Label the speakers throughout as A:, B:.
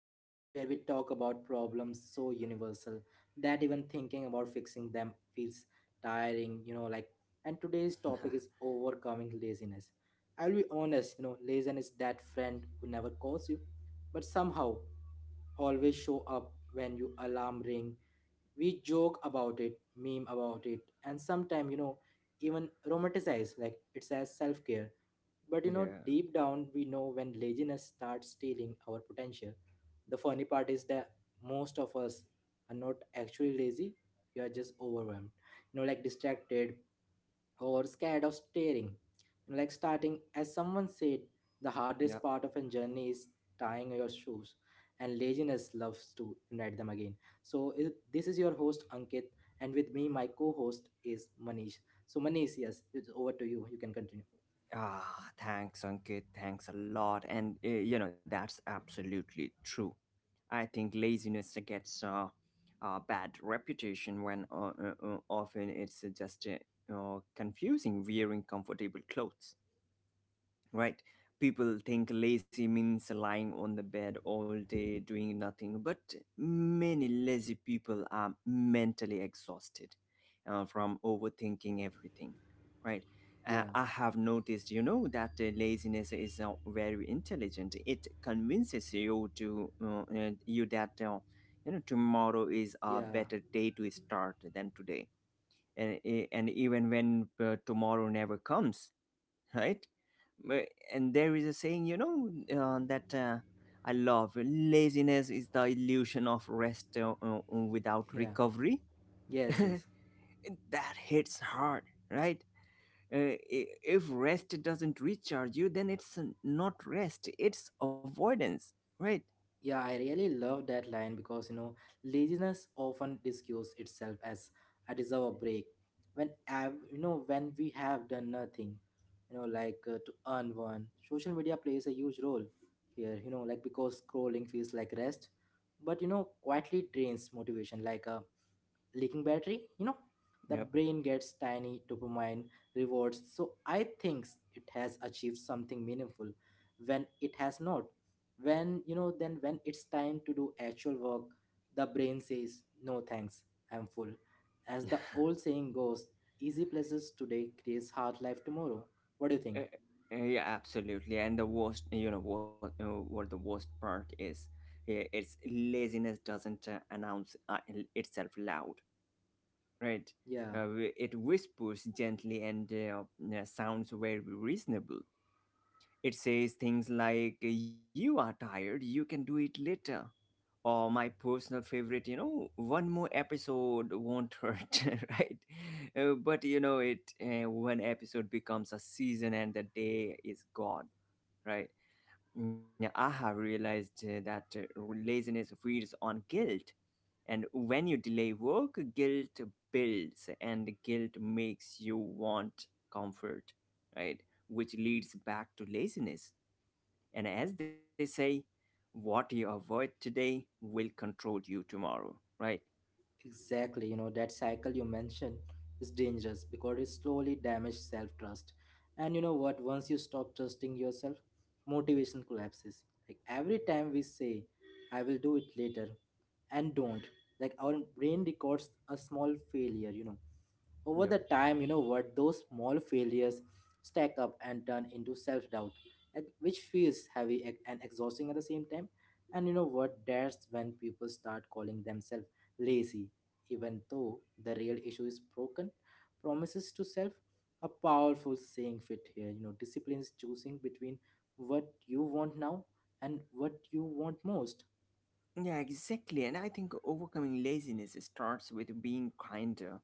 A: you know, where we talk about problems so universal that even thinking about fixing them feels tiring, and today's topic is overcoming laziness. I'll be honest, laziness is that friend who never calls you, but somehow always show up when you alarm ring. We joke about it, meme about it, and sometimes, even romanticize like it's as self-care but
B: yeah
A: deep down, we know when laziness starts stealing our potential. The funny part is that most of us are not actually lazy, we are just overwhelmed, distracted or scared of staring. You know, like starting, as someone said, the hardest
B: yeah
A: part of a journey is tying your shoes, and laziness loves to unite them again. This is your host Ankit, and with me, my co host is Manish. So, Manish, yes, it's over to you. You can continue.
B: thanks Ankit, thanks a lot. And you know, that's absolutely true. I think laziness gets a bad reputation when often it's just confusing wearing comfortable clothes, right? People think lazy means lying on the bed all day doing nothing, but many lazy people are mentally exhausted from overthinking everything, right?
A: Yeah.
B: I have noticed, you know, that laziness is very intelligent. It convinces you that you know, tomorrow is a
A: Yeah,
B: better day to start than today, and even when tomorrow never comes, right? And there is a saying, you know, that I love. Laziness is the illusion of rest without
A: yeah,
B: recovery.
A: yes, yes.
B: And that hits hard, right? If rest doesn't recharge you, then it's not rest, it's avoidance, right?
A: Yeah, I really love that line because laziness often disguises itself as I deserve a break. When we have done nothing, to earn one, social media plays a huge role here, because scrolling feels like rest, but quietly drains motivation like a leaking battery. The
B: Yep.
A: brain gets tiny dopamine rewards so I think it has achieved something meaningful when it has not when you know then when it's time to do actual work, the brain says no thanks, I'm full. As the old saying goes, easy pleasures today creates hard life tomorrow. What do you
B: Uh,
A: think?
B: yeah, absolutely. And the worst, you know, what the worst part is, it's laziness doesn't announce itself loud, right?
A: Yeah.
B: Uh, it whispers gently and sounds very reasonable. It says things like, you are tired, you can do it later. Or my personal favorite, you know, one more episode won't hurt, right? But you know, it one episode becomes a season and the day is gone, right? Yeah, I have realized that laziness feeds on guilt, and when you delay work, guilt builds, and guilt makes you want comfort, right? Which leads back to laziness. And as they say, what you avoid today will control you tomorrow, right?
A: Exactly, that cycle you mentioned is dangerous because it slowly damages self trust. And you know what? Once you stop trusting yourself, motivation collapses. Like every time we say, I will do it later, and don't, like our brain records a small failure. Over
B: Yep.
A: the time, you know what? Those small failures stack up and turn into self doubt, which feels heavy and exhausting at the same time. And you know what? That's when people start calling themselves lazy even though the real issue is broken promises to self. A powerful saying fit here: discipline is choosing between what you want now and what you want most.
B: Yeah, exactly. And I think overcoming laziness starts with being kinder,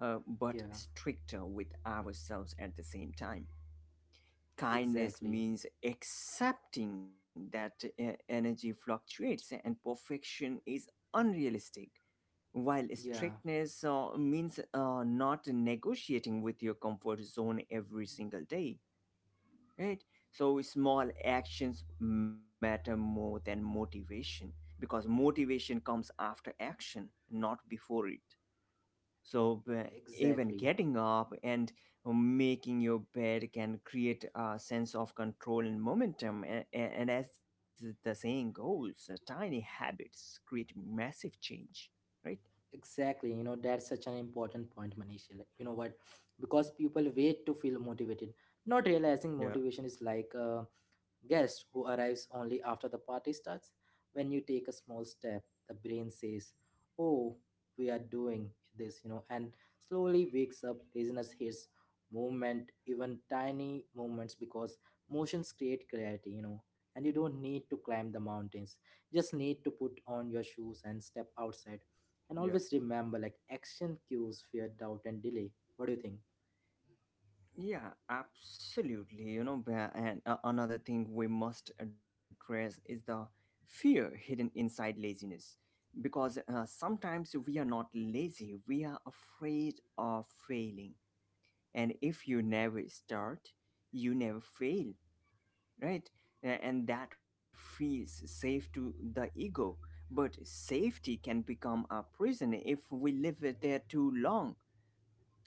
B: but
A: Yeah,
B: stricter with ourselves at the same time. Kindness
A: exactly.
B: means accepting that energy fluctuates and perfection is unrealistic, while
A: Yeah,
B: strictness means not negotiating with your comfort zone every single day, right? So, small actions matter more than motivation, because motivation comes after action, not before it. So, even
A: exactly.
B: getting up and making your bed can create a sense of control and momentum. And as the saying goes, tiny habits create massive change, right?
A: Exactly, that's such an important point, Manisha. Like, you know what, because people wait to feel motivated, not realizing
B: Yeah,
A: motivation is like a guest who arrives only after the party starts. When you take a small step, the brain says, Oh, we are doing this, and slowly wakes up. Listeners hears movement, even tiny movements, because motions create clarity, and you don't need to climb the mountains. You just need to put on your shoes and step outside. And always
B: yeah,
A: remember, like, action cues fear, doubt, and delay. What do you think?
B: yeah, absolutely. You know, another thing we must address is the fear hidden inside laziness. Because sometimes we are not lazy, we are afraid of failing, and if you never start, you never fail, right? And that feels safe to the ego, but safety can become a prison if we live it there too long.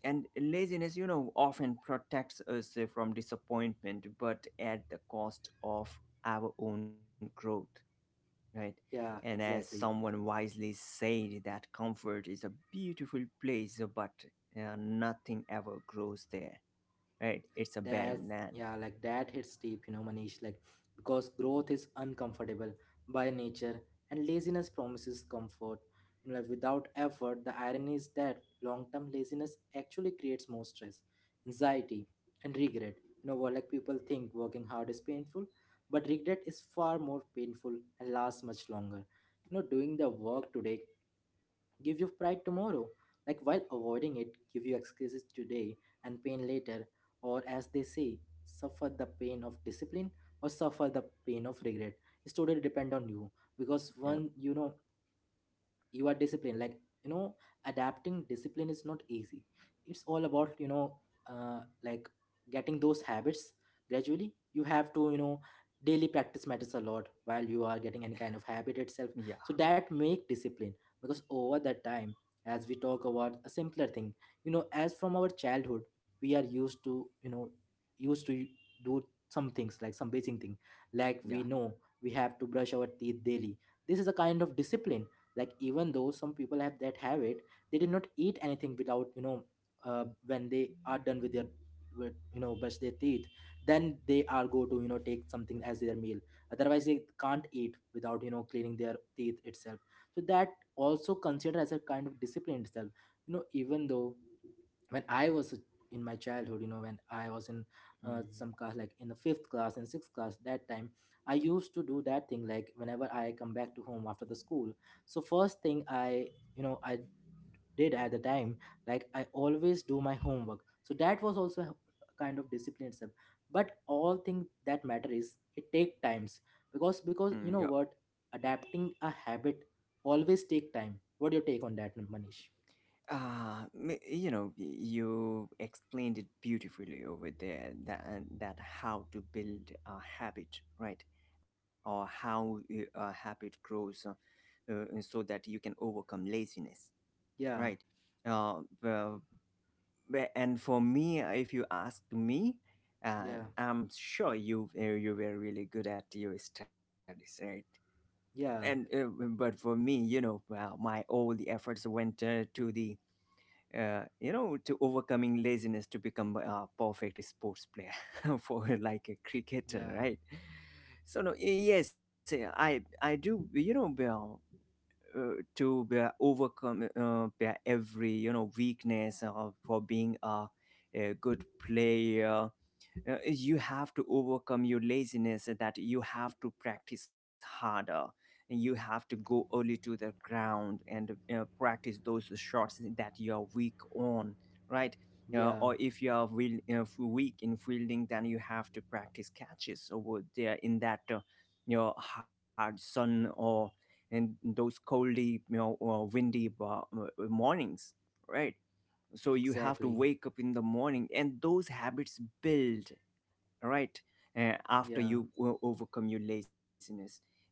B: And laziness, you know, often protects us from disappointment, but at the cost of our own growth, right?
A: Yeah,
B: And as
A: exactly.
B: someone wisely said, that comfort is a beautiful place, but nothing ever grows there, right? It's a barren
A: That's
B: land.
A: yeah, like that hits deep, Manish. Like because growth is uncomfortable by nature, and laziness promises comfort. You know, like without effort, the irony is that long-term laziness actually creates more stress, anxiety, and regret. You know what, like people think working hard is painful, but regret is far more painful and lasts much longer. You know, doing the work today give you pride tomorrow. Like while avoiding it, give you excuses today and pain later, or as they say, suffer the pain of discipline or suffer the pain of regret. It's totally depend on you because
B: Yeah,
A: one, you are disciplined. Like you know adapting discipline is not easy. It's all about uh, like getting those habits gradually. You have to daily practice matters a lot while you are getting any kind of habit itself,
B: yeah,
A: so that make discipline. Because over the time, as we talk about a simpler thing, as from our childhood we are used to used to do some things, like some basic thing. Like we
B: yeah.
A: know we have to brush our teeth daily. This is a kind of discipline. Like even though some people have that habit, they did not eat anything without when they are done with their with brush their teeth, then they are go to take something as their meal. Otherwise they can't eat without cleaning their teeth itself. So that also considered as a kind of discipline itself. You know, even though when I was in my childhood, when I was in some
B: Mm.
A: class, like in the fifth class and sixth class, that time I used to do that thing, like whenever I come back to home after the school. So first thing I did at the time, like I always do my homework. So that was also a kind of discipline itself. But all thing that matter is it take times because
B: Mm,
A: because
B: yeah.
A: you know what, adapting a habit always take time. What do you take on that, Manish?
B: You know, you explained it beautifully over there, that how to build a habit, right? Or how a habit grows and so that you can overcome laziness,
A: Yeah,
B: right? Well, and for me, if you ask me,
A: yeah,
B: I'm sure you you were really good at your studies, right? And
A: yeah.
B: but for me, you know, my all the efforts went to the you know, to overcoming laziness to become a perfect sports player for like a cricketer,
A: Yeah,
B: right? So no, yes, I do, you know, to overcome every, you know, weakness for being a good player. You have to overcome your laziness, that you have to practice harder, you have to go early to the ground and practice those shots that you are weak on, right?
A: yeah,
B: Or if you are weak in fielding, then you have to practice catches over there in that you know, hard sun, or in those coldy, you know, windy mornings, right? So you have to
A: exactly.
B: wake up in the morning and those habits build, right? After
A: Yeah,
B: you overcome your laziness. And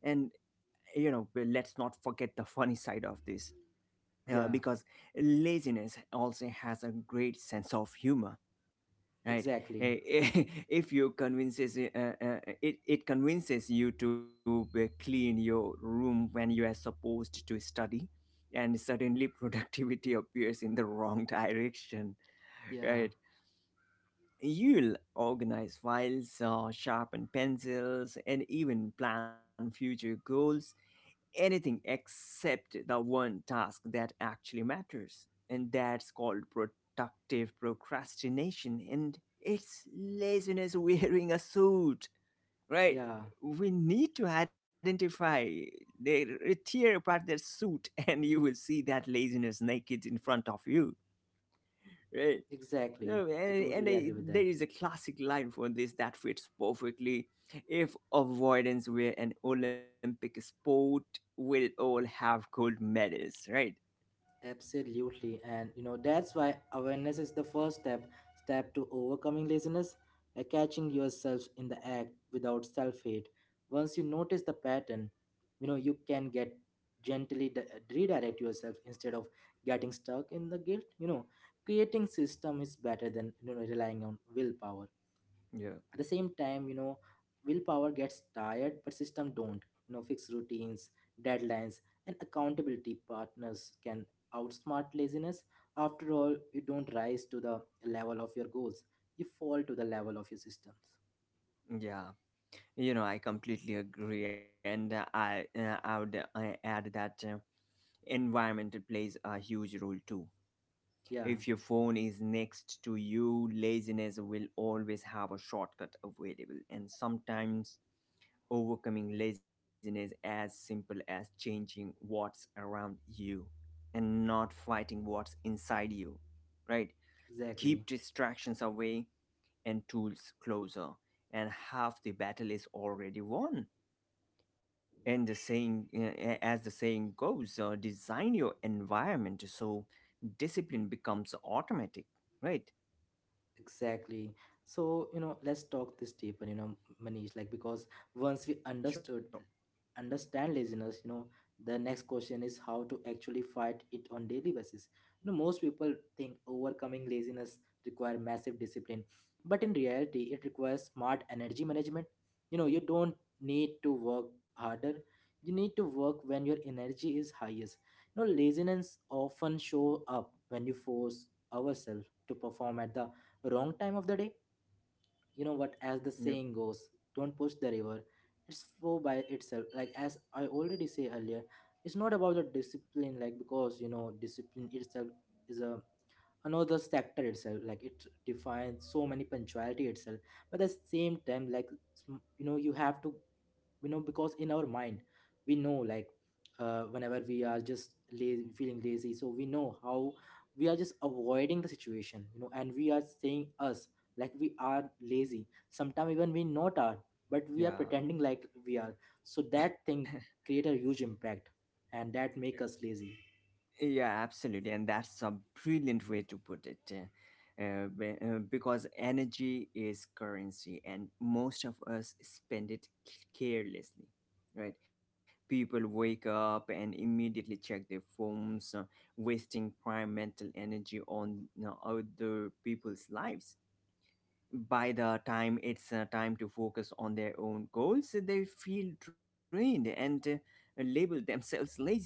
B: you know, well, let's not forget the funny side of this,
A: yeah,
B: because laziness also has a great sense of humor, right?
A: exactly.
B: Eh, eh, if you convinces it, it convinces you to clean your room when you are supposed to study, and suddenly productivity appears in the wrong direction,
A: Yeah,
B: right? You'll organize files, sharpen pencils, and even plan future goals. Anything except the one task that actually matters. And that's called productive procrastination. And it's laziness wearing a suit, right?
A: yeah,
B: We need to identify, tear apart their suit, and you will see that laziness naked in front of you, right? No,
A: exactly. I
B: and
A: totally
B: I,
A: agree with
B: there
A: that.
B: is a classic line for this that fits perfectly. If avoidance were an Olympic sport, we'd all have gold medals, right?
A: Absolutely. And you know, that's why awareness is the first step to overcoming laziness by catching yourself in the act without self-hate. Once you notice the pattern, you can get gently redirect yourself instead of getting stuck in the guilt. Creating system is better than relying on willpower
B: Yeah,
A: at the same time. Willpower gets tired but system don't. You know, fixed routines, deadlines, and accountability partners can outsmart laziness. After all, you don't rise to the level of your goals, you fall to the level of your systems.
B: yeah. You know, I completely agree, and I would add that environment plays a huge role too.
A: Yeah,
B: If your phone is next to you, laziness will always have a shortcut available, and sometimes overcoming laziness as simple as changing what's around you and not fighting what's inside you, right?
A: exactly.
B: Keep distractions away and tools closer, and half the battle is already won. And the saying, as the saying goes, design your environment so discipline becomes automatic, right?
A: Exactly. So, let's talk this deeper, Manish, like because once we understood
B: Sure.
A: understand laziness, the next question is how to actually fight it on daily basis. You know, most people think overcoming laziness require massive discipline, but in reality, it requires smart energy management. You know, you don't need to work harder. You need to work when your energy is highest. You know, laziness often show up when you force ourselves to perform at the wrong time of the day. You know what, as the saying
B: Yep.
A: goes, don't push the river, it's flow by itself. Like as I already say earlier, it's not about the discipline. Like because discipline itself is a another sector itself. Like it defines so many punctuality itself. But at the same time, like you know, you have to because in our mind we know like whenever we are just lazy, feeling lazy, so we know how we are just avoiding the situation and we are saying us like we are lazy. Sometimes even we not are but we are
B: Yeah.
A: pretending like we are. So that thing create a huge impact and that make us lazy.
B: Yeah, absolutely. And that's a brilliant way to put it. Because energy is currency and most of us spend it carelessly, right? People wake up and immediately check their phones, wasting prime mental energy on, you know, other people's lives. By the time it's time to focus on their own goals, they feel drained and label themselves lazy,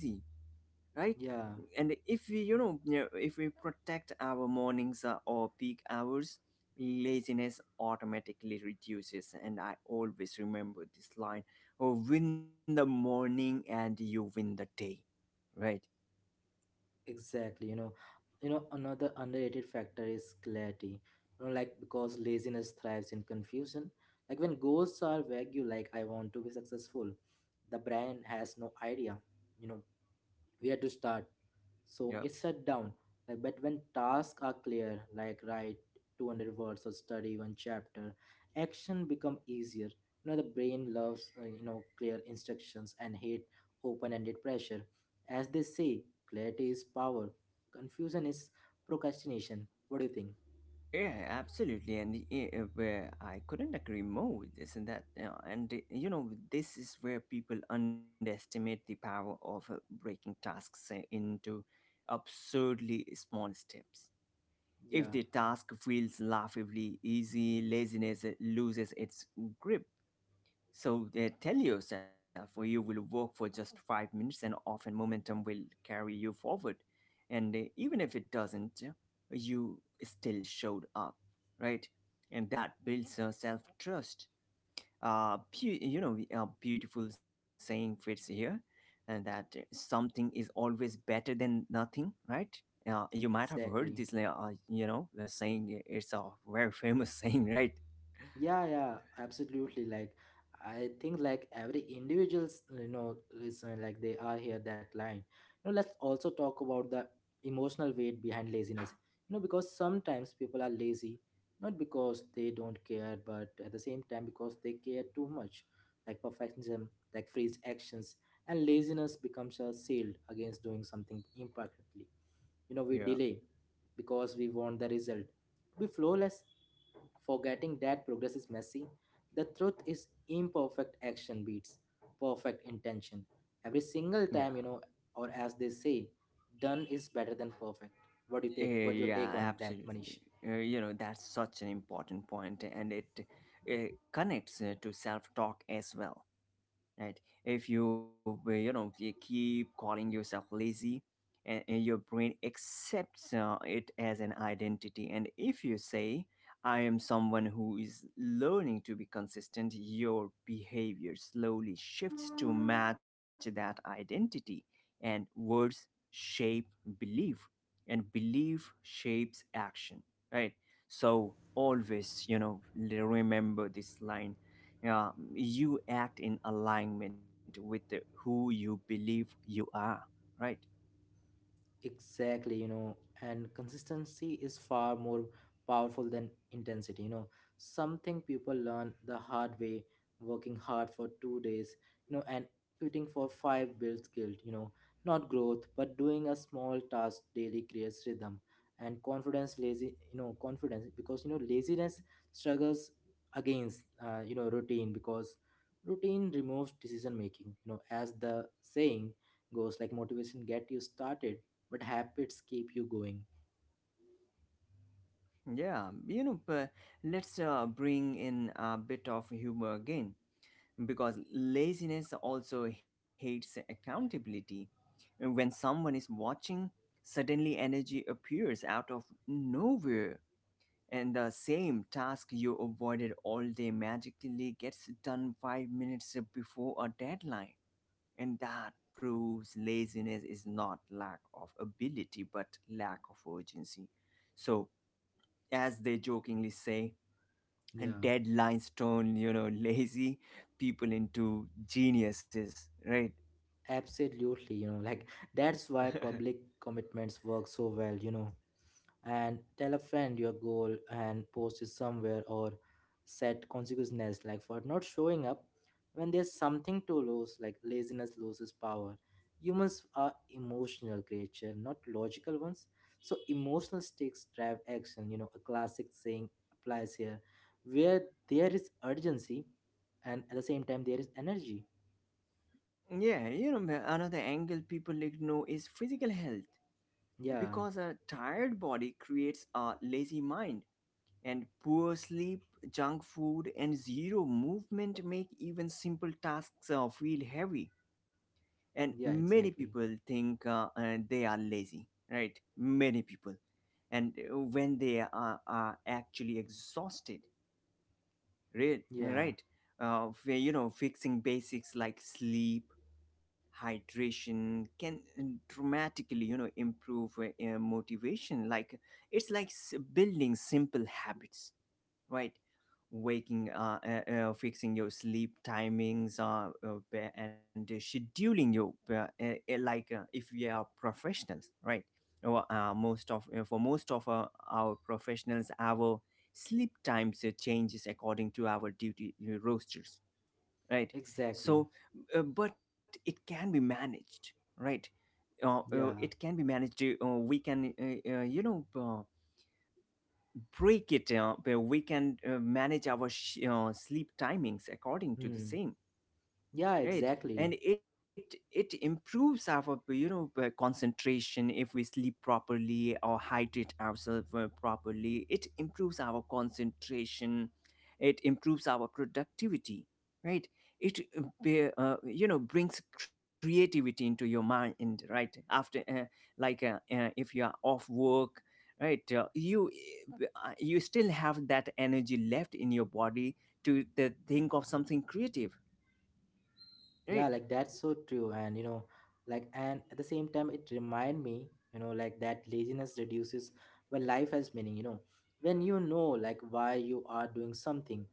B: right?
A: Yeah.
B: And if we, you know, yeah, if we protect our mornings or peak hours, laziness automatically reduces. And I always remember this line: oh, win the morning and you win the day, right?
A: Exactly, you know another underrated factor is clarity. You know, like because laziness thrives in confusion. Like when goals are vague, you like I want to be successful. The brand has no idea, you know, where to start, so
B: Yeah,
A: it's shut down. Like but when tasks are clear, like write 200 words or study one chapter, action become easier. You know, the brain loves clear instructions and hate open-ended pressure. As they say, clarity is power, confusion is procrastination. What do you think?
B: yeah, absolutely. And where I couldn't agree more with this, and that. Yeah, and you know, this is where people underestimate the power of breaking tasks into absurdly small steps. If
A: Yeah,
B: the task feels laughably easy, laziness loses its grip. So tell yourself, well, you will work for just 5 minutes, and often momentum will carry you forward. And even if it doesn't, you still showed up, right? And that builds self trust. You know, a beautiful saying fits here, and that, something is always better than nothing, right? You might have heard
A: exactly.
B: this, like, saying. It's a very famous saying, right?
A: Yeah, yeah, absolutely. Like, I think like every individuals, listen, like they are here that line. You know, let's also talk about the emotional weight behind laziness. You know, because sometimes people are lazy, not because they don't care, but at the same time because they care too much. Like perfectionism, like frees actions, and laziness becomes a shield against doing something imperfectly. You know, we
B: Yeah,
A: delay because we want the result be flawless, forgetting that progress is messy. The truth is, imperfect action beats perfect intention. Every single
B: yeah.
A: time, or as they say, done is better than perfect. What do you take? What your take
B: Yeah,
A: on that, Manish?
B: absolutely. You know, that's such an important point, and it connects to self-talk as well, right? If you, you know, you keep calling yourself lazy, and your brain accepts it as an identity. And if you say, I am someone who is learning to be consistent, your behavior slowly shifts to match that identity. And words shape belief, and belief shapes action, right? So always, you know, remember this line, yeah, you act in alignment with who you believe you are, right?
A: Exactly, and consistency is far more powerful than intensity. You know, something people learn the hard way, working hard for 2 days, and quitting for five builds guilt, not growth, but doing a small task daily creates rhythm and confidence, lazy, confidence because, laziness struggles against, routine because routine removes decision making, as the saying goes, like motivation get you started but habits keep you going.
B: Yeah, you know, but let's bring in a bit of humor again, because laziness also hates accountability. When someone is watching, suddenly energy appears out of nowhere, and the same task you avoided all day magically gets done 5 minutes before a deadline. And that proves laziness is not lack of ability, but lack of urgency. So, as they jokingly say, and
A: Yeah,
B: deadlines turn, you know, lazy people into geniuses, right?
A: absolutely. You know, like that's why public commitments work so well. You know, and tell a friend your goal and post it somewhere, or set consequences like for not showing up when there's something to lose. Like laziness loses power. Humans are emotional creature, not logical ones, so emotional stakes drive action. You know, a classic saying applies here: where there is urgency, and at the same time, there is energy.
B: Yeah, you know, another angle people ignore is physical health
A: Yeah.
B: because a tired body creates a lazy mind, and poor sleep, junk food, and zero movement make even simple tasks feel heavy. And
A: Yeah.
B: many people
A: Exactly.
B: think they are lazy, right? Many people, and when they are actually exhausted,
A: Yeah.
B: right. You know, fixing basics like sleep, hydration can dramatically, you know, improve motivation. Like it's like building simple habits, right? Waking fixing your sleep timings and scheduling your if we are professionals, right? Or most of for most of our professionals, our sleep times changes according to our duty rosters, right?
A: Exactly.
B: So, but it can be managed, right? It
A: Yeah.
B: can be managed. We can you know, break it where we can manage our sleep timings according to the
A: Hmm.
B: same,
A: Yeah.
B: right? And
A: Exactly.
B: it improves our you know, concentration. If we sleep properly or hydrate ourselves properly, it improves our concentration, it improves our productivity, right? It you know, brings creativity into your mind, right? After if you are off work, right? You still have that energy left in your body to think of something creative, right?
A: Yeah, like that's so true. And you know, like and at the same time, it remind me, you know, like that laziness reduces when life has meaning. You know, when you know like why you are doing something,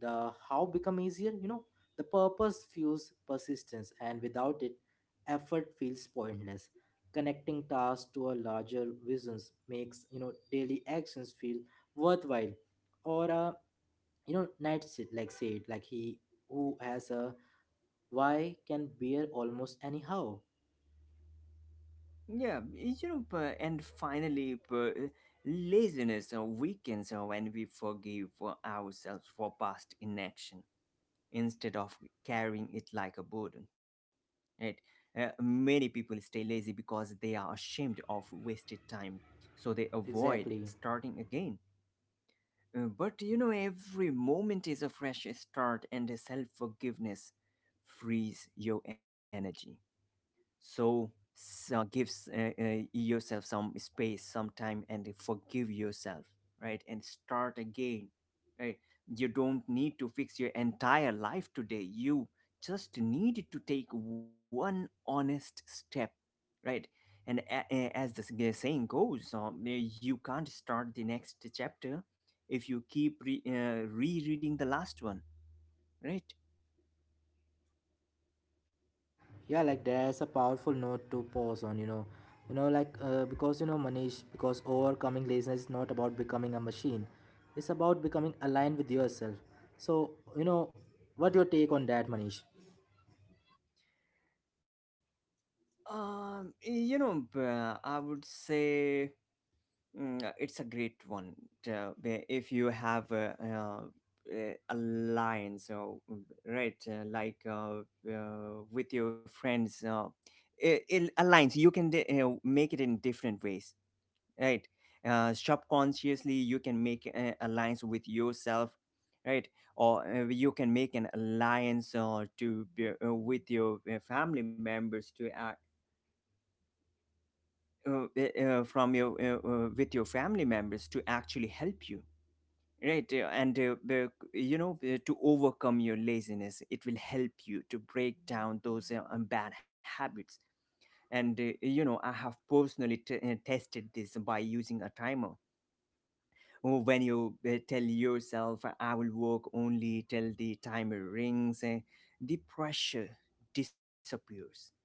A: the how become easier. You know, the purpose fuels persistence, and without it, effort feels pointless. Connecting tasks to a larger visions makes, you know, daily actions feel worthwhile. Or you know, knight said like, he who has a why can bear almost anyhow?
B: Yeah, you know, and finally, laziness weakens when we forgive ourselves for past inaction instead of carrying it like a burden. Right? Many people stay lazy because they are ashamed of wasted time, so they avoid
A: Exactly.
B: starting again. But you know, every moment is a fresh start, and self forgiveness frees your energy. So, give yourself some space, some time, and forgive yourself, right? And start again, right? You don't need to fix your entire life today. You just need to take one honest step, right? And as the saying goes, you can't start the next chapter if you keep rereading the last one, right?
A: Yeah, like that's a powerful note to pause on, you know. You know, like because you know, Manish, because overcoming laziness is not about becoming a machine. It's about becoming aligned with yourself. So, you know, what your take on that, Manish?
B: You know, I would say it's a great one. If you have a line, so right, with your friends, it, it aligns. You can make it in different ways, right? Subconsciously, you can make alliance with yourself, right? Or you can make an alliance to be, with your family members to from your with your family members to actually help you. Right, you know, to overcome your laziness, it will help you to break down those bad habits. And you know, I have personally tested this by using a timer. Oh, when you tell yourself, I will work only till the timer rings, the pressure disappears,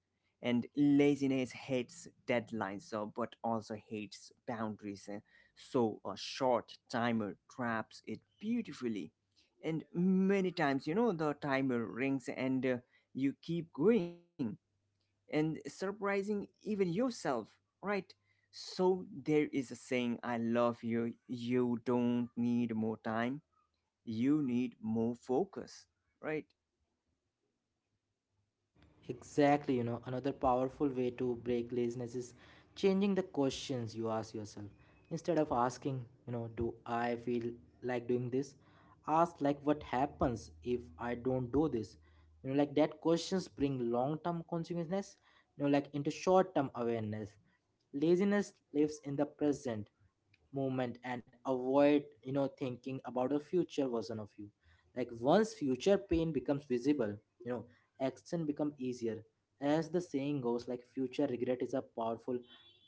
B: and laziness hates deadlines, so, but also hates boundaries. So a short timer traps it beautifully, and many times, you know, the timer rings and you keep going and surprising even yourself, right? So there is a saying I love: you don't need more time, you need more focus, right?
A: Exactly, you know, another powerful way to break laziness is changing the questions you ask yourself. Instead of asking, you know, do I feel like doing this? Ask like what happens if I don't do this? You know, like that questions bring long-term consciousness, you know, like into short-term awareness. Laziness lives in the present moment and avoid, you know, thinking about a future version of you. Like once future pain becomes visible, you know, action become easier. As the saying goes, like future regret is a powerful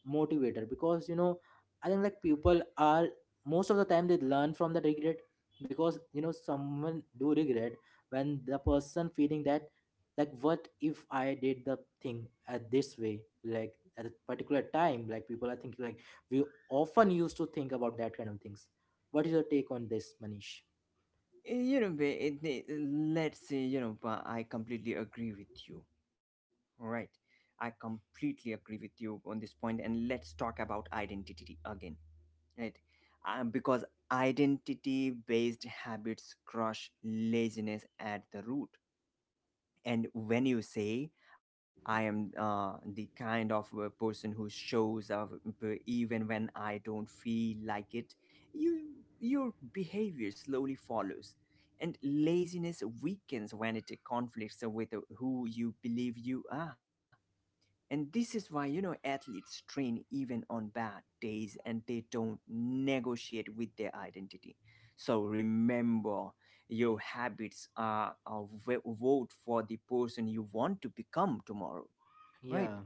A: motivator. Because you know, I think like people are, most of the time they learn from the regret. Because you know, someone do regret when the person feeling that, like what if I did the thing at this way, like at a particular time, like people are thinking like we often used to think about that kind of things. What is your take on this, Manish?
B: Let's say, I completely agree with you, right? I completely agree with you on this point. And let's talk about identity again, right? Because identity based habits crush laziness at the root. And when you say, I am the kind of person who shows up even when I don't feel like it, you, your behavior slowly follows. And laziness weakens when it conflicts with who you believe you are. And this is why, you know, athletes train even on bad days, and they don't negotiate with their identity. So remember, your habits are a vote for the person you want to become tomorrow, right?
A: Yeah.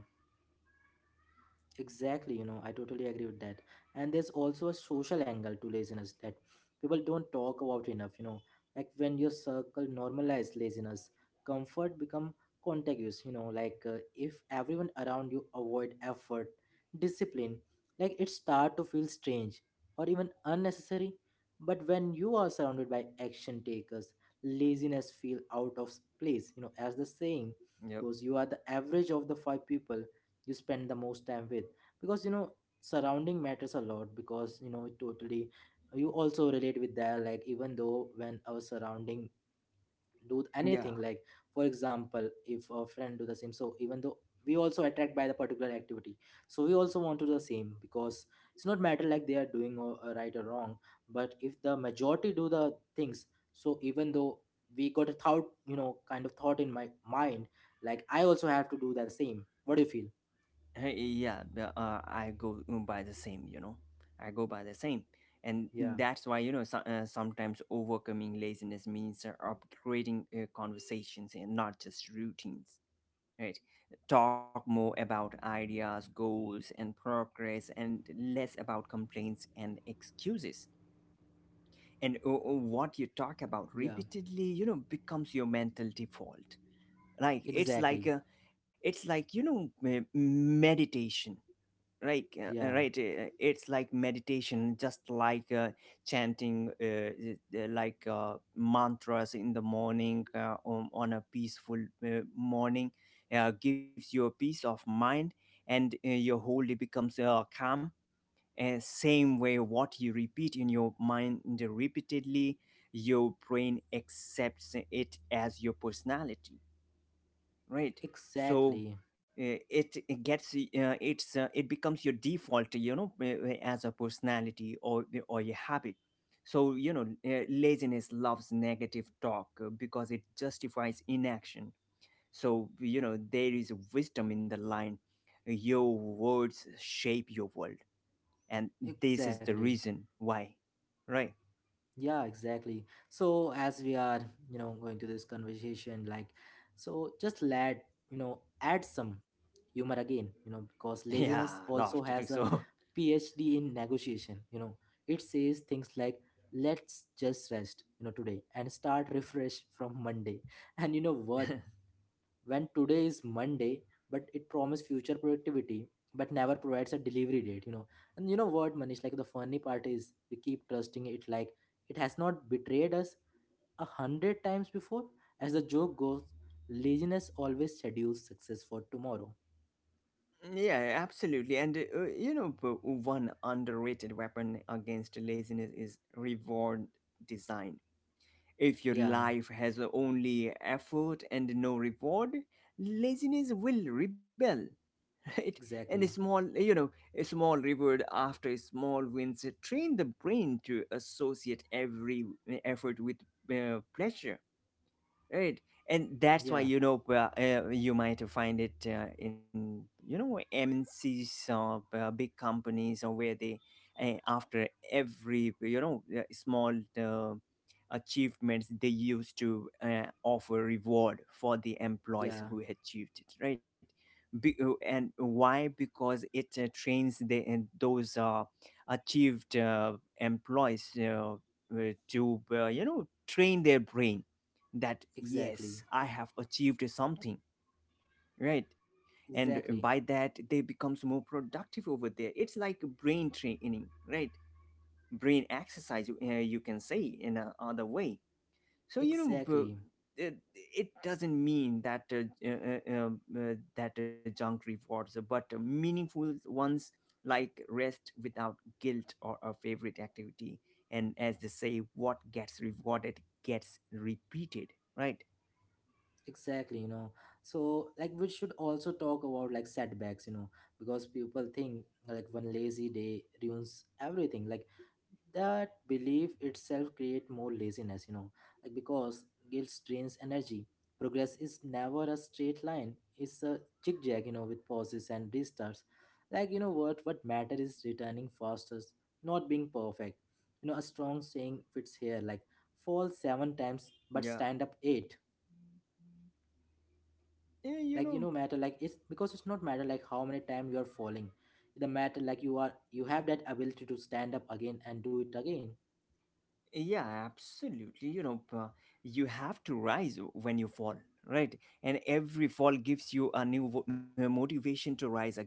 A: Exactly, you know, I totally agree with that. And there's also a social angle to laziness that people don't talk about enough, you know. Like when your circle normalizes laziness, comfort become contagious, you know. Like if everyone around you avoid effort, discipline, like it start to feel strange or even unnecessary. But when you are surrounded by action takers, laziness feel out of place, you know, as the saying
B: Yep.
A: goes, you are the average of the five people you spend the most time with. Because you know, surrounding matters a lot. Because you know, it totally, you also relate with that, like even though when our surrounding do
B: Yeah.
A: anything, like for example, if a friend do the same, so even though we also attract by the particular activity, so we also want to do the same. Because it's not matter like they are doing or right or wrong, but if the majority do the things, so even though we got a thought, you know, kind of thought in my mind, like I also have to do the same. What do you feel?
B: Hey, yeah. I go by the same, you know. I go by the same. And
A: Yeah.
B: that's why, you know, so, sometimes overcoming laziness means upgrading conversations and not just routines, right? Talk more about ideas, goals, and progress, and less about complaints and excuses. And what you talk about
A: Yeah,
B: repeatedly, you know, becomes your mental default. Like it's like
A: exactly.
B: a, it's like, you know, meditation, right?
A: Yeah,
B: It's like meditation, just like chanting mantras in the morning on a peaceful morning gives you a peace of mind, and your whole day becomes calm. And same way, what you repeat in your mind repeatedly, your brain accepts it as your personality, right? So
A: exactly.
B: it, it gets it's it becomes your default, you know, as a personality or your habit. So you know, laziness loves negative talk because it justifies inaction. So you know, there is wisdom in the line: your words shape your world. And this is the
A: Exactly.
B: reason why, right?
A: Yeah, exactly. So as we are, you know, going to this conversation, like, so just let, you know, add some humor again, you know, because
B: yeah,
A: laziness also
B: laughed
A: has
B: too
A: a
B: so
A: PhD in negotiation, you know. It says things like, let's just rest, you know, today and start refresh from Monday. And you know what? When today is Monday, but it promises future productivity, but never provides a delivery date, you know. And you know what, Manish, like the funny part is we keep trusting it like it has not betrayed us a 100 times before. As the joke goes, laziness always schedules success for tomorrow.
B: Yeah, absolutely. And you know, one underrated weapon against laziness is reward design. If your
A: Yeah,
B: life has only effort and no reward, laziness will rebel. Right? And
A: exactly.
B: a small, you know, a small reward after small wins train the brain to associate every effort with pleasure. Right, and that's why,
A: Yeah,
B: you know, you might find it in, you know, MNCs or big companies, or where they after every, you know, small uh, achievements, they used to offer reward for the employees
A: yeah,
B: who achieved it. Right, and why? Because it trains the, and those achieved employees to you know, train their brain that
A: exactly.
B: yes, I have achieved something, right. And
A: Exactly.
B: by that, they becomes more productive over there. It's like brain training, right? Brain exercise, you can say in a other way. So you know,
A: Exactly.
B: it, it doesn't mean that uh, uh, that junk rewards, but meaningful ones, like rest without guilt or a favorite activity. And as they say, what gets rewarded gets repeated, right?
A: Exactly, you know. So, like, we should also talk about like setbacks, you know, because people think like one lazy day ruins everything. Like, that belief itself create more laziness, you know, like because guilt drains energy. Progress is never a straight line; it's a zigzag, you know, with pauses and restarts. Like, you know, what matter is returning faster, not being perfect. You know, a strong saying fits here: like, fall seven times, but
B: Yeah.
A: stand up eight.
B: Yeah, you
A: Like you
B: know,
A: know matter like it's because it's not matter like how many time you are falling, the matter like you have that ability to stand up again and do it again.
B: yeah, absolutely. You know, you have to rise when you fall, right? And every fall gives you a new motivation to rise again,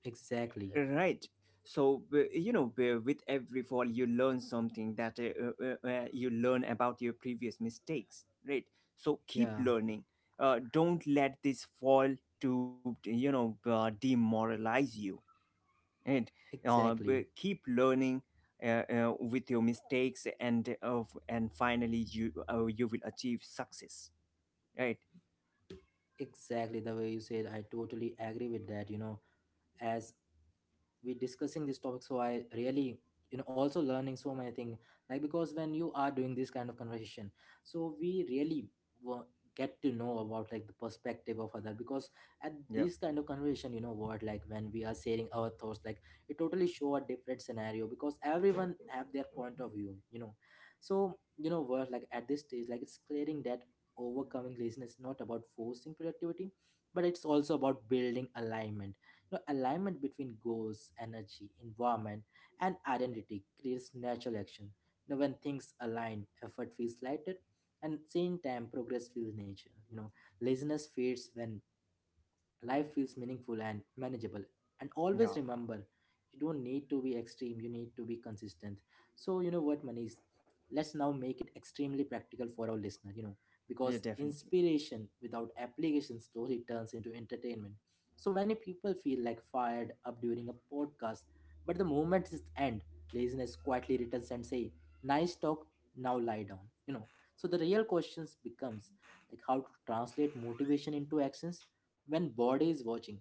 A: Exactly.
B: right? So, you know, with every fall, you learn something, that you learn about your previous mistakes, right? So keep
A: Yeah,
B: learning. Don't let this fall to, you know, demoralize you. And
A: exactly.
B: keep learning with your mistakes, and and finally you you will achieve success, right?
A: Exactly the way you said, I totally agree with that. You know, as we discussing this topic, so I really, you know, also learning so many things, like because when you are doing this kind of conversation, so we really wa- get to know about like the perspective of other. Because at
B: Yeah.
A: this kind of conversation, you know what like when we are sharing our thoughts like it totally show a different scenario because everyone have their point of view, you know. So you know what, like at this stage like it's clearing that overcoming laziness is not about forcing productivity, but it's also about building alignment. Now, alignment between goals, energy, environment, and identity creates natural action. Now, when things align, effort feels lighter, and at the same time, progress feels natural. You know, laziness fades when life feels meaningful and manageable, and
B: Yeah.
A: always remember, you don't need to be extreme, you need to be consistent. So you know what, Manish, let's now make it extremely practical for our listener, you know,
B: Yeah,
A: because
B: definitely.
A: inspiration without application slowly turns into entertainment. So many people feel like fired up during a podcast, but the moment is end, laziness quietly returns and say, nice talk, now lie down, you know. So the real questions becomes, like how to translate motivation into actions when body is watching.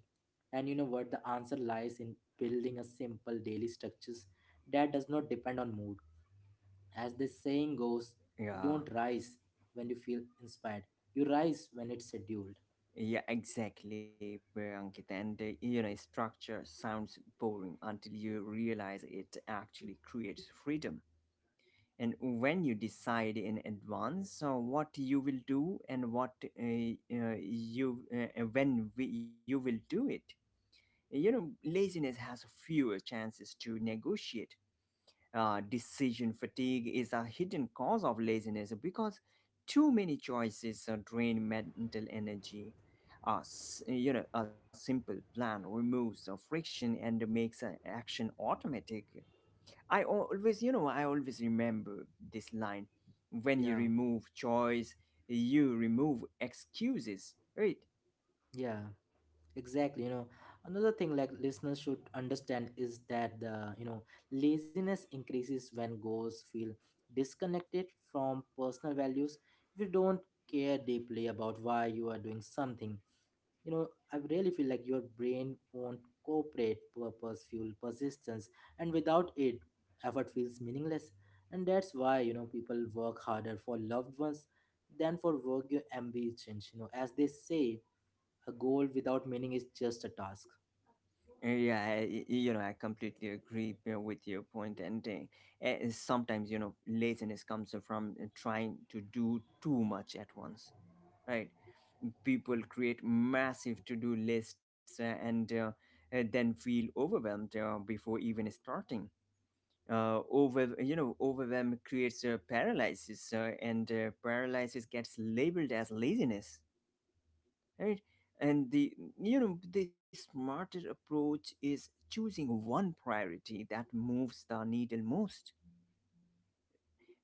A: And you know what, the answer lies in building a simple daily structures that does not depend on mood. As this saying goes, you
B: Yeah.
A: don't rise when you feel inspired, you rise when it's scheduled.
B: Yeah, exactly, Ankit. And you know, structure sounds boring until you realize it actually creates freedom. And when you decide in advance, so what you will do and what you will do it, you know, laziness has fewer chances to negotiate. Decision fatigue is a hidden cause of laziness, because too many choices drain mental energy. You know, a simple plan removes the friction and makes an action automatic. I always, you know, I always remember this line: when you
A: Yeah.
B: remove choice, you remove excuses, right?
A: Yeah, exactly, you know, another thing like listeners should understand is that the, you know, laziness increases when goals feel disconnected from personal values. If you don't care deeply about why you are doing something, you know, I really feel like your brain won't cooperate purpose, fuel, persistence, and without it, effort feels meaningless. And that's why you know people work harder for loved ones than for work your ambitions. You know, as they say, a goal without meaning is just a task.
B: Yeah, you know, I completely agree with your point. And sometimes, you know, laziness comes from trying to do too much at once, right? People create massive to do lists and then feel overwhelmed before even starting. Over, you know, overwhelm creates a paralysis, and paralysis gets labeled as laziness, right? And the, you know, the smarter approach is choosing one priority that moves the needle most.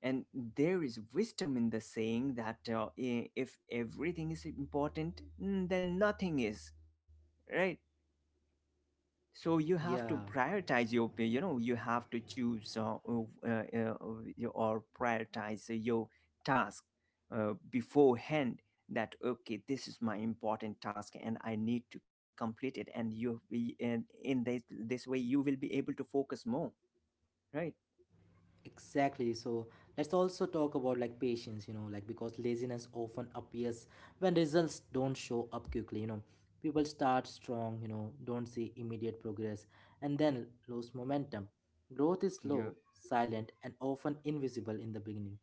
B: And there is wisdom in the saying that if everything is important, then nothing is, right? So you have to
A: Yeah,
B: prioritize your you know, you have to choose your or prioritize your task beforehand, that okay, this is my important task and I need to complete it, and you and in this this way you will be able to focus more, right?
A: exactly. So let's also talk about like patience, you know, like because laziness often appears when results don't show up quickly, you know. People start strong, you know, don't see immediate progress and then lose momentum. Growth is
B: Yeah.
A: slow, silent, and often invisible in the beginning.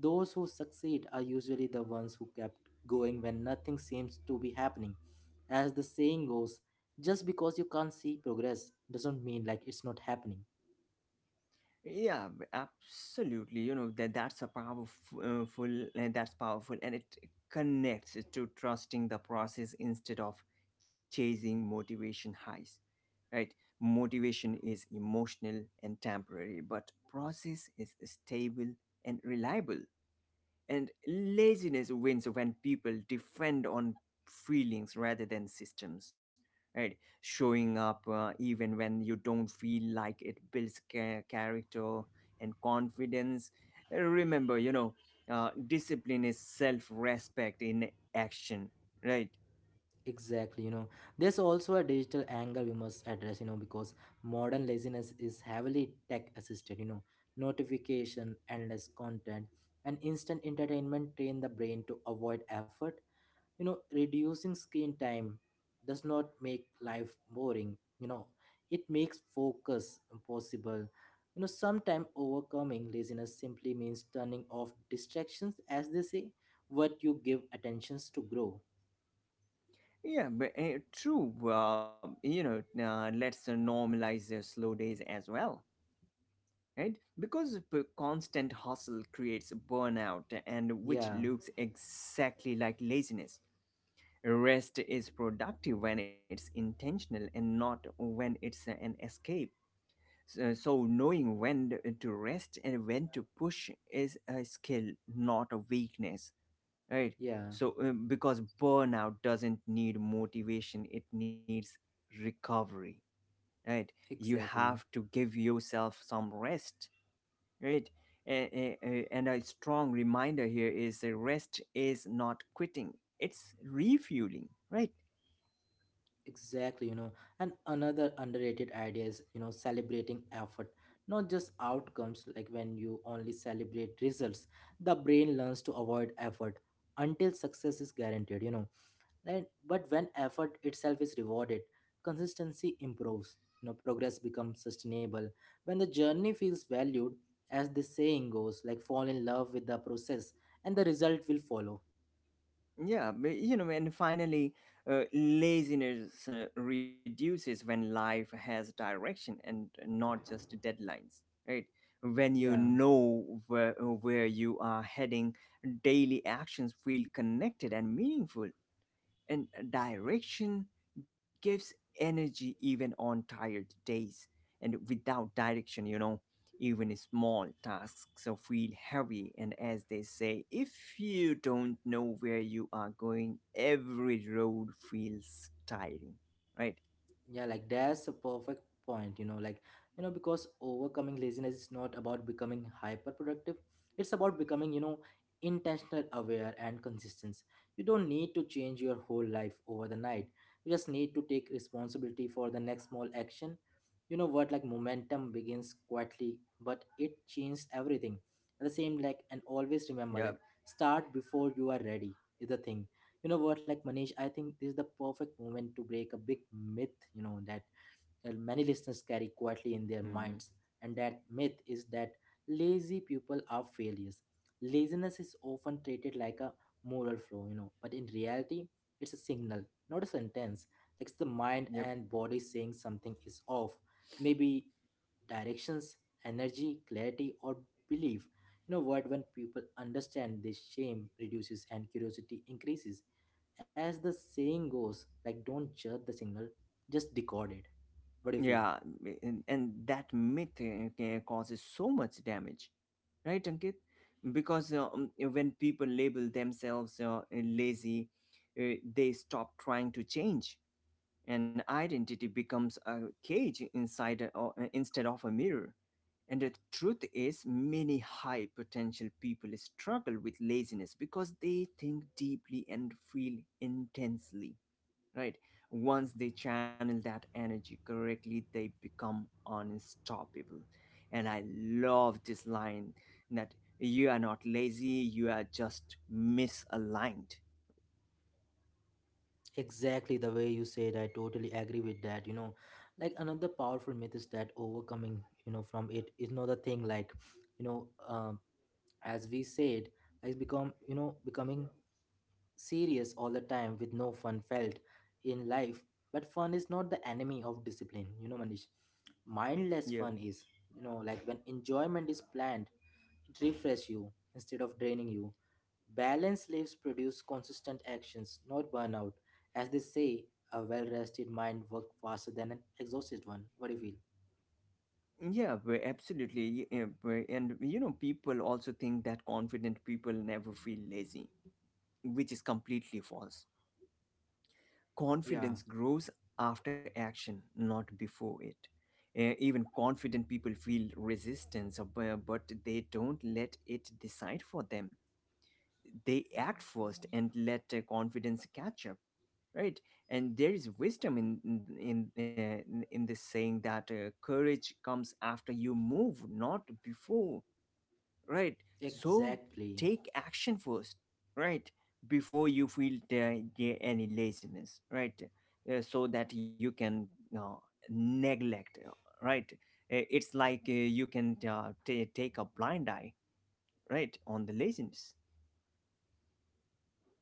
A: Those who succeed are usually the ones who kept going when nothing seems to be happening. As the saying goes, just because you can't see progress doesn't mean like it's not happening.
B: Yeah, absolutely, you know, that's a powerful, and that's powerful, and it connects to trusting the process instead of chasing motivation highs, right? Motivation is emotional and temporary, but process is stable and reliable. And laziness wins when people depend on feelings rather than systems, right? Showing up, even when you don't feel like it, builds character and confidence. Remember, you know, discipline is self respect in action, right?
A: Exactly, you know. There's also a digital angle we must address, you know, because modern laziness is heavily tech assisted, you know. Notification, endless content, and instant entertainment train the brain to avoid effort. You know, reducing screen time does not make life boring, you know, it makes focus possible. You know, sometimes overcoming laziness simply means turning off distractions. As they say, what you give attentions to grow.
B: Yeah, but true. You know, let's normalize slow days as well, right? Because constant hustle creates burnout, and which
A: Yeah.
B: looks exactly like laziness. Rest is productive when it's intentional and not when it's an escape. So, so knowing when to rest and when to push is a skill, not a weakness, right?
A: Yeah,
B: So because burnout doesn't need motivation, it needs recovery, right? You have
A: exactly.
B: to give yourself some rest, right? And a strong reminder here is that rest is not quitting, it's refueling, right?
A: Exactly, you know, and another underrated idea is, you know, celebrating effort, not just outcomes. Like when you only celebrate results, the brain learns to avoid effort until success is guaranteed, you know. And, but when effort itself is rewarded, consistency improves, you know, progress becomes sustainable. When the journey feels valued, as the saying goes, like fall in love with the process and the result will follow.
B: Yeah, but, you know, and finally, laziness reduces when life has direction and not just deadlines, right? When you
A: Yeah.
B: know where you are heading, daily actions feel connected and meaningful, and direction gives energy even on tired days. And without direction, you know, even small tasks so feel heavy. And as they say, if you don't know where you are going, every road feels tiring, right?
A: Yeah, like that's a perfect point, you know, like, you know, because overcoming laziness is not about becoming hyper productive. It's about becoming, you know, intentional aware and consistent. You don't need to change your whole life over the night. You just need to take responsibility for the next small action. You know what, like momentum begins quietly, but it changes everything. At the same like and always remember, like
B: Yep.
A: start before you are ready is the thing. You know what like, Manish, I think this is the perfect moment to break a big myth, you know, that many listeners carry quietly in their
B: Hmm.
A: minds. And that myth is that lazy people are failures. Laziness is often treated like a moral flaw, you know, but in reality it's a signal, not a sentence. Like it's the
B: Yep.
A: mind and body saying something is off. Maybe directions, energy, clarity, or belief. You know what, when people understand this, shame reduces and curiosity increases. As the saying goes, like don't judge the signal, just decode it. What do you feel?
B: Yeah, and that myth causes so much damage, right, Ankit? Because when people label themselves lazy, they stop trying to change, and identity becomes a cage inside instead of a mirror. And the truth is, many high potential people struggle with laziness because they think deeply and feel intensely, right? Once they channel that energy correctly, they become unstoppable. And I love this line that you are not lazy, you are just misaligned.
A: Exactly the way you said, I totally agree with that. You know, like another powerful myth is that overcoming, you know, from it is not a thing. Like, you know, um, as we said, like becoming serious all the time with no fun felt in life. But fun is not the enemy of discipline. You know, Manish, mindless
B: Yeah.
A: fun is, you know, like when enjoyment is planned, it refresh you instead of draining you. Balanced lives produce consistent actions, not burnout. As they say, a well rested mind works faster than an exhausted one. What do you feel?
B: And you know, people also think that confident people never feel lazy, which is completely false.
A: Yeah,
B: Confidence grows after action, not before it. Even confident people feel resistance, but they don't let it decide for them. They act first and let confidence catch up, right? And there is wisdom in this saying that courage comes after you move, not before, right? So
A: exactly.
B: take action first, right, before you feel any laziness, right. So that you can uh, neglect, right. It's like you can ta take a blind eye, right, on the laziness.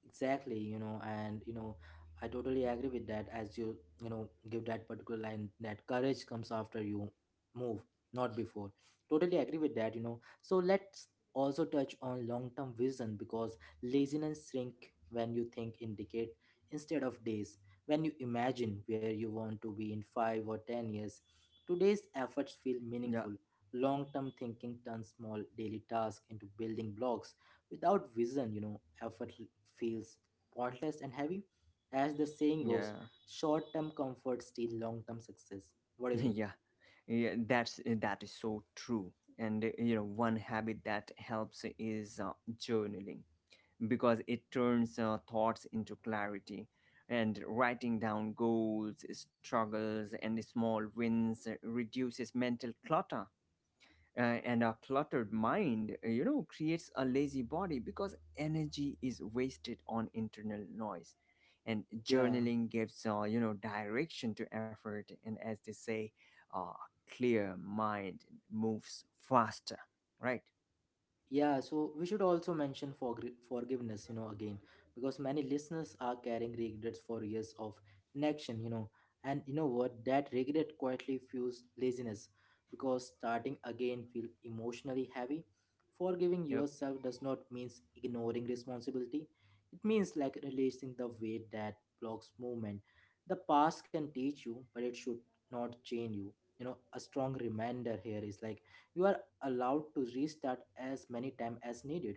A: You know, I totally agree with that. As you, you know, give that particular line that courage comes after you move, not before. Totally agree with that. You know, so let's also touch on long term vision because laziness shrink when you think in decade instead of days. When you imagine where you want to be in 5 or 10 years, today's efforts feel
B: Yeah,
A: meaningful. Long term thinking turns small daily tasks into building blocks. Without vision, you know, feels pointless and heavy. As the saying goes,
B: yeah.
A: short term comfort steals long term success. What do you think?
B: Yeah, yeah, that is so true. And you know, one habit that helps is journaling, because it turns thoughts into clarity. And writing down goals, struggles, and small wins reduces mental clutter. And a cluttered mind, you know, creates a lazy body because energy is wasted on internal noise. And
A: Yeah.
B: journaling gives, you know, direction to effort. And as they say, a clear mind moves faster, right?
A: Yeah, so we should also mention forgiveness, you know, again, because many listeners are carrying regrets for years of inaction, you know, and you know what? That regret quietly fuels laziness because starting again feel emotionally heavy. Forgiving
B: Yep.
A: yourself does not mean ignoring responsibility. It means like releasing the weight that blocks movement. The past can teach you, but it should not chain you. You know, a strong reminder here is like you are allowed to restart as many times as needed.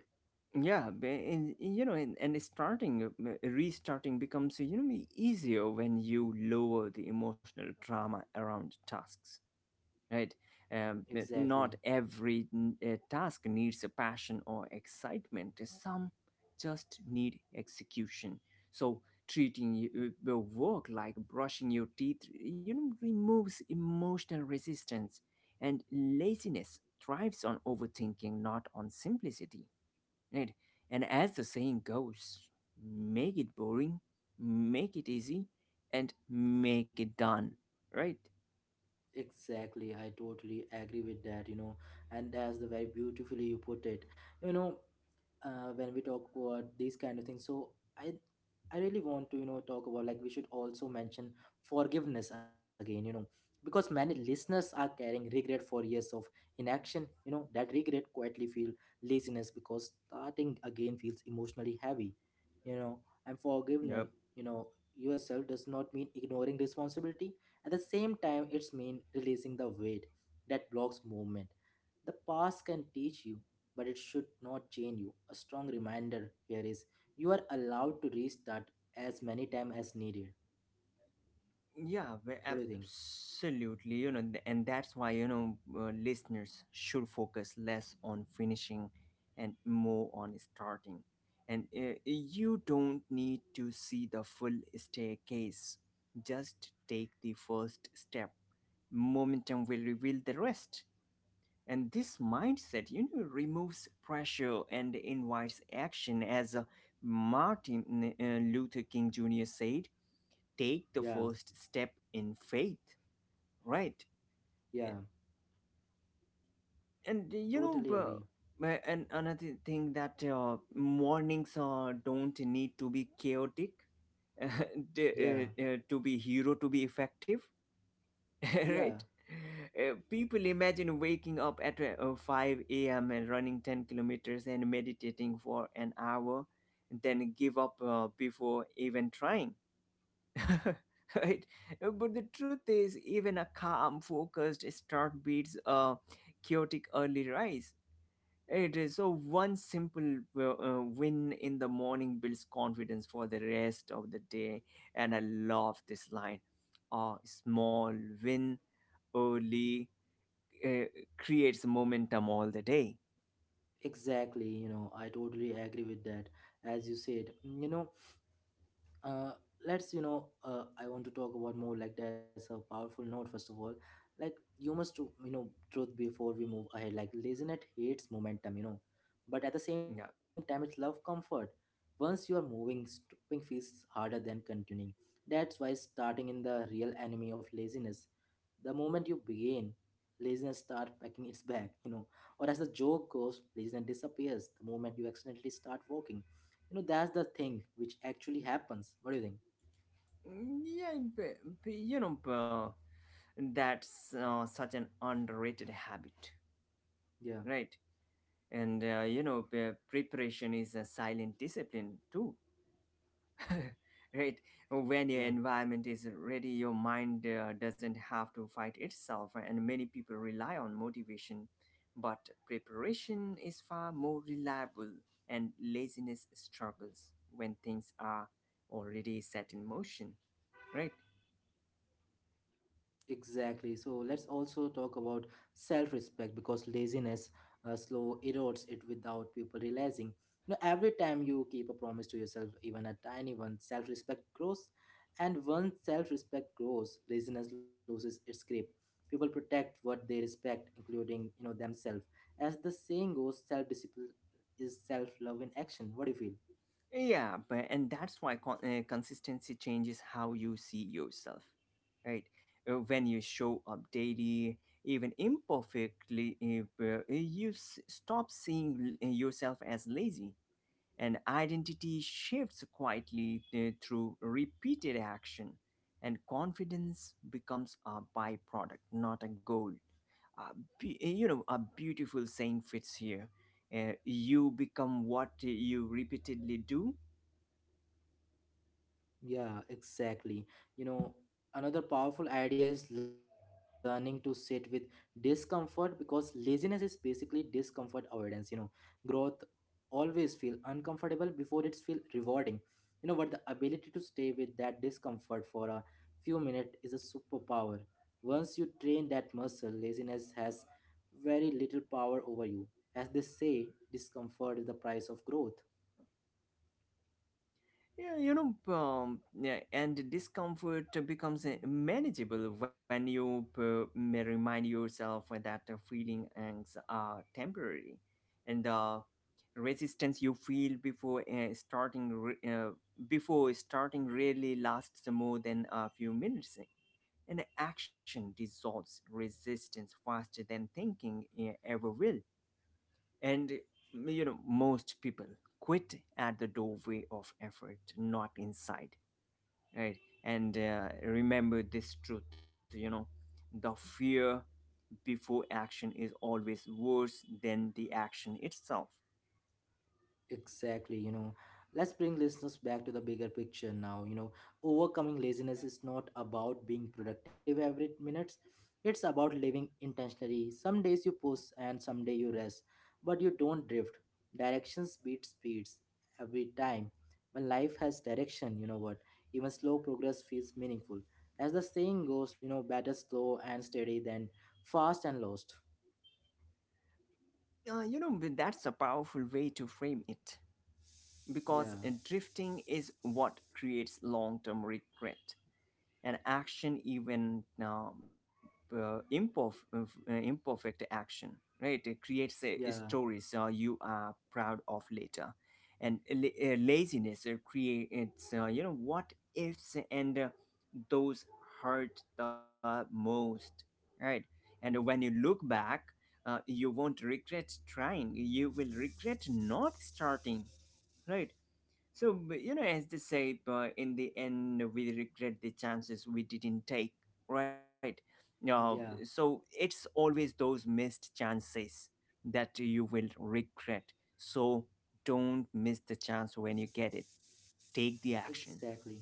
B: And starting, restarting becomes, you know, easier when you lower the emotional drama around tasks, right. But
A: Exactly.
B: not every task needs a passion or excitement. Some just need execution. So treating your work like brushing your teeth, you know, removes emotional resistance, and laziness thrives on overthinking, not on simplicity, right? And as the saying goes, make it boring, make it easy, and make it done, right?
A: Exactly. I totally agree with that, you know. And that's the very beautifully you put it. You know, when we talk about these kind of things, so i I really want to, you know, talk about, like, we should also mention forgiveness again. You know, because many listeners are carrying regret for years of inaction. You know, that regret quietly feel laziness because starting again feels emotionally heavy, you know. And
B: Yep.
A: forgiveness, you know, yourself does not mean ignoring responsibility. At the same time, it's mean releasing the weight that blocks movement. The past can teach you, but it should not chain you. A strong reminder here is you are allowed to restart as many times as needed.
B: Yeah,
A: What do
B: we-
A: you think?
B: absolutely. You know, and that's why, you know, listeners should focus less on finishing and more on starting. And you don't need to see the full staircase. Just take the first step. Momentum will reveal the rest. And this mindset, you know, removes pressure and invites action. As Martin Luther King Jr. said, take the
A: Yeah,
B: first step in faith, right?
A: yeah,
B: And you know,
A: totally agree.
B: my- and another thing, that mornings don't need to be chaotic,
A: Yeah,
B: to be hero to be effective.
A: yeah,
B: Right? People imagine waking up at 5 a.m. and running 10 kilometers and meditating for an hour, then give up before even trying. Right? But the truth is, even a calm, focused start beats a chaotic early rise. It is so one simple win in the morning builds confidence for the rest of the day, and I love this line, a small win only, uh, creates momentum all the day.
A: exactly. You know, I totally agree with that. As you said, you know, uh, let's, you know, I want to talk about more. Like, that's a powerful note. First of all, like, you must to, you know, truth before we move ahead. Like, laziness hates momentum, you know, but at the same time,
B: Yeah,
A: it's love comfort. Once you are moving, stopping feels harder than continuing. That's why starting in the real enemy of laziness. The moment you begin, laziness start packing its bag, you know. Or as the joke goes, laziness disappears the moment you accidentally start walking. You know, that's the thing which actually happens. What do you think?
B: yeah, you know, that's such an underrated habit,
A: Yeah,
B: right? And you know, preparation is a silent discipline too. Right. When your
A: yeah,
B: environment is ready, your mind doesn't have to fight itself, and many people rely on motivation, but preparation is far more reliable, and laziness struggles when things are already set in motion, right.
A: exactly. So let's also talk about self-respect because laziness, slow erodes it without people realizing. You know, every time you keep a promise to yourself, even a tiny one, self-respect grows. And once self-respect grows, laziness loses its grip. People protect what they respect, including, you know, themselves. As the saying goes, self-discipline is self-love in action. What do you feel?
B: Yeah, but and that's why consistency changes how you see yourself, right? When you show up daily, even imperfectly, you stop seeing yourself as lazy, and identity shifts quietly through repeated action, and confidence becomes a byproduct, not a goal. A you know, a beautiful saying fits here, you become what you repeatedly do.
A: Yeah, exactly. You know, another powerful idea is learning to sit with discomfort because laziness is basically discomfort avoidance. You know, growth always feel uncomfortable before it's feel rewarding. You know, but the ability to stay with that discomfort for a few minutes is a superpower. Once you train that muscle, laziness has very little power over you. As they say, discomfort is the price of growth.
B: Yeah, you know, yeah, and discomfort becomes manageable when you may remind yourself that the feelings are temporary, and the resistance you feel before starting really lasts more than a few minutes. And action dissolves resistance faster than thinking ever will. And you know, most people quit at the doorway of effort, not inside, right. And remember this truth, you know, the fear before action is always worse than the action itself.
A: Exactly, you know. Let's bring listeners back to the bigger picture now. You know, overcoming laziness is not about being productive every minutes. It's about living intentionally. Some days you push and some day you rest, but you don't drift. Directions beat speeds every time. When life has direction, you know what? Even slow progress feels meaningful. As the saying goes, you know, better slow and steady than fast and lost.
B: You know, but that's a powerful way to frame it
A: Yeah,
B: because drifting is what creates long-term regret. And action, even imperfect action, right, it creates
A: yeah,
B: stories you are proud of later. And laziness creates, you know, what ifs, and those hurt the most, right. And when you look back, you won't regret trying, you will regret not starting, right. So, but, you know, as they say, in the end, we regret the chances we didn't take, right? Uh,
A: yeah,
B: so it's always those missed chances that you will regret. So don't miss the chance when you get it. Take the action.
A: exactly.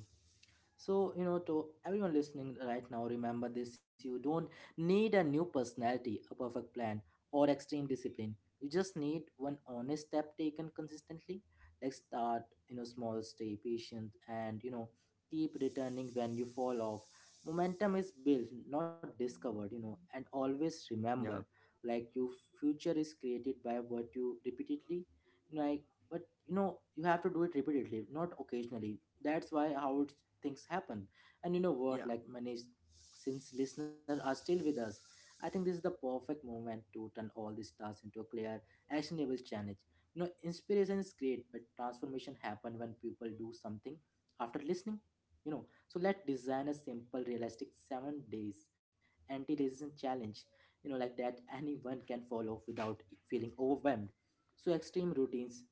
A: So, you know, to everyone listening right now, remember this: you don't need a new personality, a perfect plan, or extreme discipline. You just need one honest step taken consistently. Like start, you know, small, stay patient, and, you know, keep returning when you fall off. Momentum is built, not discovered, you know. And always
B: Yeah,
A: remember, like, your future is created by what you repeatedly, like, but you know, you have to do it repeatedly, not occasionally. That's why how it's, things happen. And you know what, like, since listeners are still with us, I think this is the perfect moment to turn all these tasks into a clear actionable challenge. You know, inspiration is great, but transformation happen when people do something after listening. You know, so let's design a simple realistic 7 days anti-racism challenge, you know, like that anyone can follow without feeling overwhelmed. So extreme routines,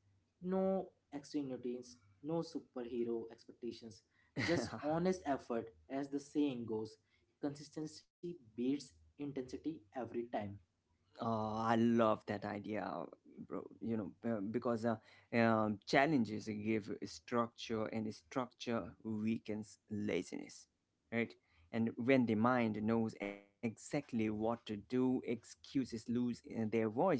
A: no, extreme routines, no superhero expectations, just
B: yeah.
A: honest effort. As the saying goes, consistency beats intensity every time.
B: Oh, I love that idea, bro. You know, because challenges give structure, and structure weakens laziness, right? And when the mind knows exactly what to do, excuses lose their voice.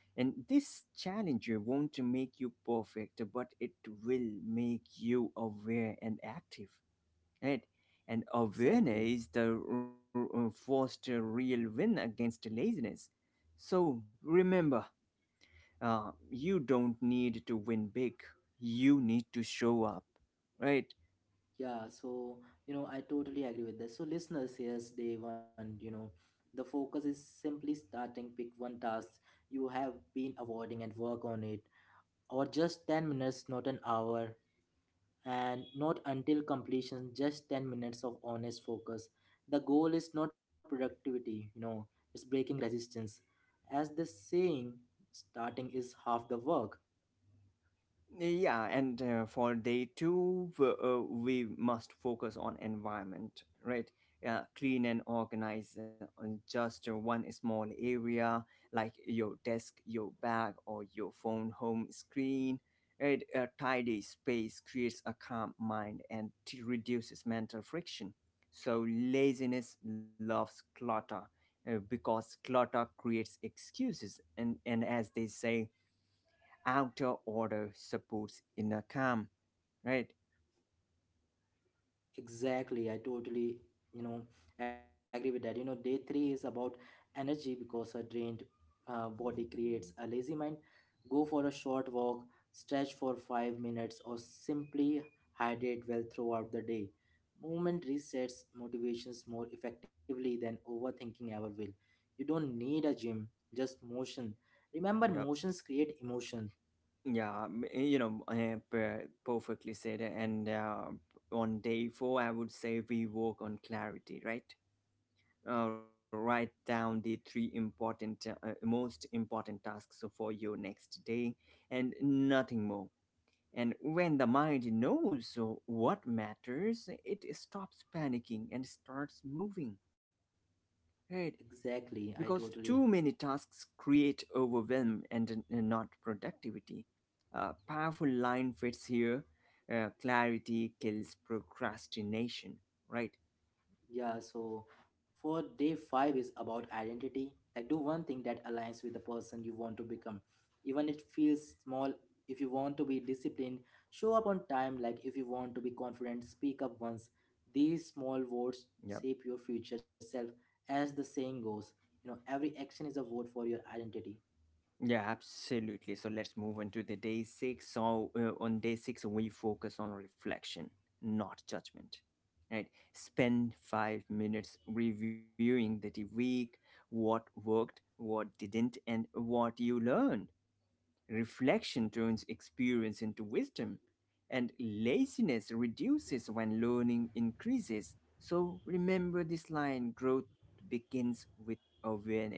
B: And this challenge won't make you perfect, but it will make you aware and active, right? And awareness
A: Exactly.
B: is the first real win against laziness. So remember, you don't need to win big. You need to show up, right?
A: Yeah, so you know, I totally agree with this. So, listeners, here's day one. You know, the focus is simply starting. Pick one task you have been avoiding and work on it, or just 10 minutes, not an hour. And not until completion, just 10 minutes of honest focus. The goal is not productivity, you know, it's breaking resistance. As the saying, starting is half the work.
B: Yeah, and for day two, we must focus on environment, right? Clean and organize on just one small area, like your desk, your bag, or your phone home screen. Right? A tidy space creates a calm mind and reduces mental friction. So, laziness loves clutter because clutter creates excuses. And as they say, outer order supports inner calm, right.
A: Exactly, I totally, you know, agree with that. You know, day three is about energy because a drained body creates a lazy mind. Go for a short walk, stretch for 5 minutes, or simply hydrate well throughout the day. Movement resets motivations more effectively than overthinking ever will. You don't need a gym, just motion. Remember,
B: Yep.
A: motions create emotion.
B: Yeah, you know, perfectly said. And on day four, I would say we work on clarity, right. Write down the three important most important tasks for your next day, and nothing more. And when the mind knows what matters, it stops panicking and starts moving. Right. Because
A: Exactly, I
B: too many
A: totally.
B: tasks create overwhelm not productivity. A powerful line fits here, clarity kills procrastination, right?
A: Yeah, so for day five is about identity. Like, do one thing that aligns with the person you want to become. Even it feels small, if you want to be disciplined, show up on time. Like, if you want to be confident, speak up once. These small votes
B: Yep.
A: shape your future self, as the saying goes. You know, every action is a vote for your identity.
B: Yeah, absolutely. So let's move on to the day six. So on day six, we focus on reflection, not judgment. Right? Spend 5 minutes reviewing the week, what worked, what didn't, and what you learned. Reflection turns experience into wisdom, and laziness reduces when learning increases. So remember this line, growth begins with awareness,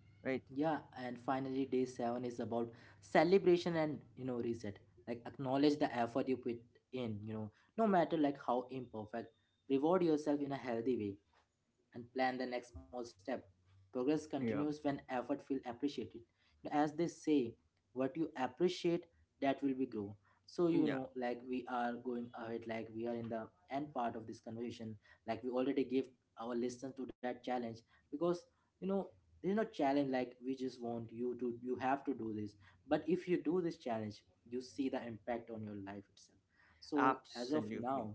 B: right?
A: Yeah, and finally, day seven is about celebration and, you know, reset. Like acknowledge the effort you put in. You know, no matter like how imperfect, reward yourself in a healthy way and plan the next small step. Progress
B: Yeah,
A: continues when effort feels appreciated. You know, as they say, what you appreciate, that will be grow. So you
B: yeah,
A: know, like, we are going ahead, like we are in the end part of this conversation, like we already gave our listeners to that challenge because, you know, there is no challenge, like we just want you to, you have to do this. But if you do this challenge, you see the impact on your life itself. So as of
B: absolutely.
A: now,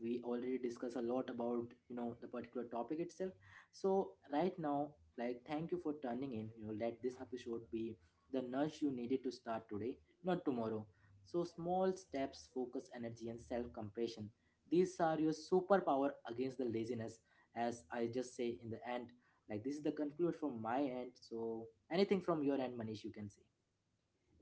A: we already discussed a lot about, you know, the particular topic itself. So right now, like, thank you for turning in. You know, let this episode be the nudge you needed to start today, not tomorrow. So small steps, focus energy and self compassion, these are your superpower against the laziness. As I just say in the end, like, this is the conclude from my end. So anything from your end, Manish, you can say.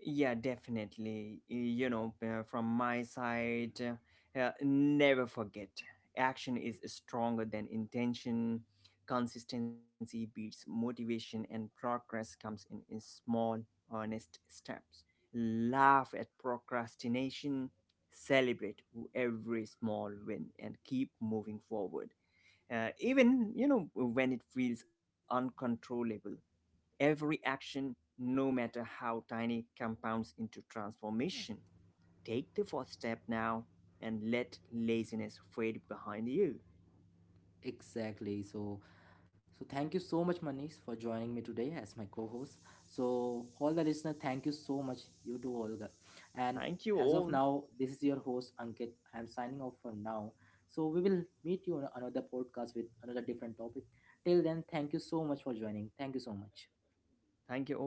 B: Yeah, definitely. You know, from my side, never forget, action is stronger than intention. Consistency beats motivation, and progress comes in small, honest steps. Laugh at procrastination, celebrate every small win, and keep moving forward. Even, you know, when it feels uncontrollable. Every action, no matter how tiny, compounds into transformation. Take the first step now and let laziness fade behind you.
A: Exactly, so so thank you so much, Manish, for joining me today as my co-host. So all the listener, thank you so much, you too, Olga. And
B: Thank you
A: as of
B: all.
A: now, this is your host Ankit. I am signing off for now. So we will meet you on another podcast with another different topic. Till then, thank you so much for joining. Thank you so much.
B: Thank you all.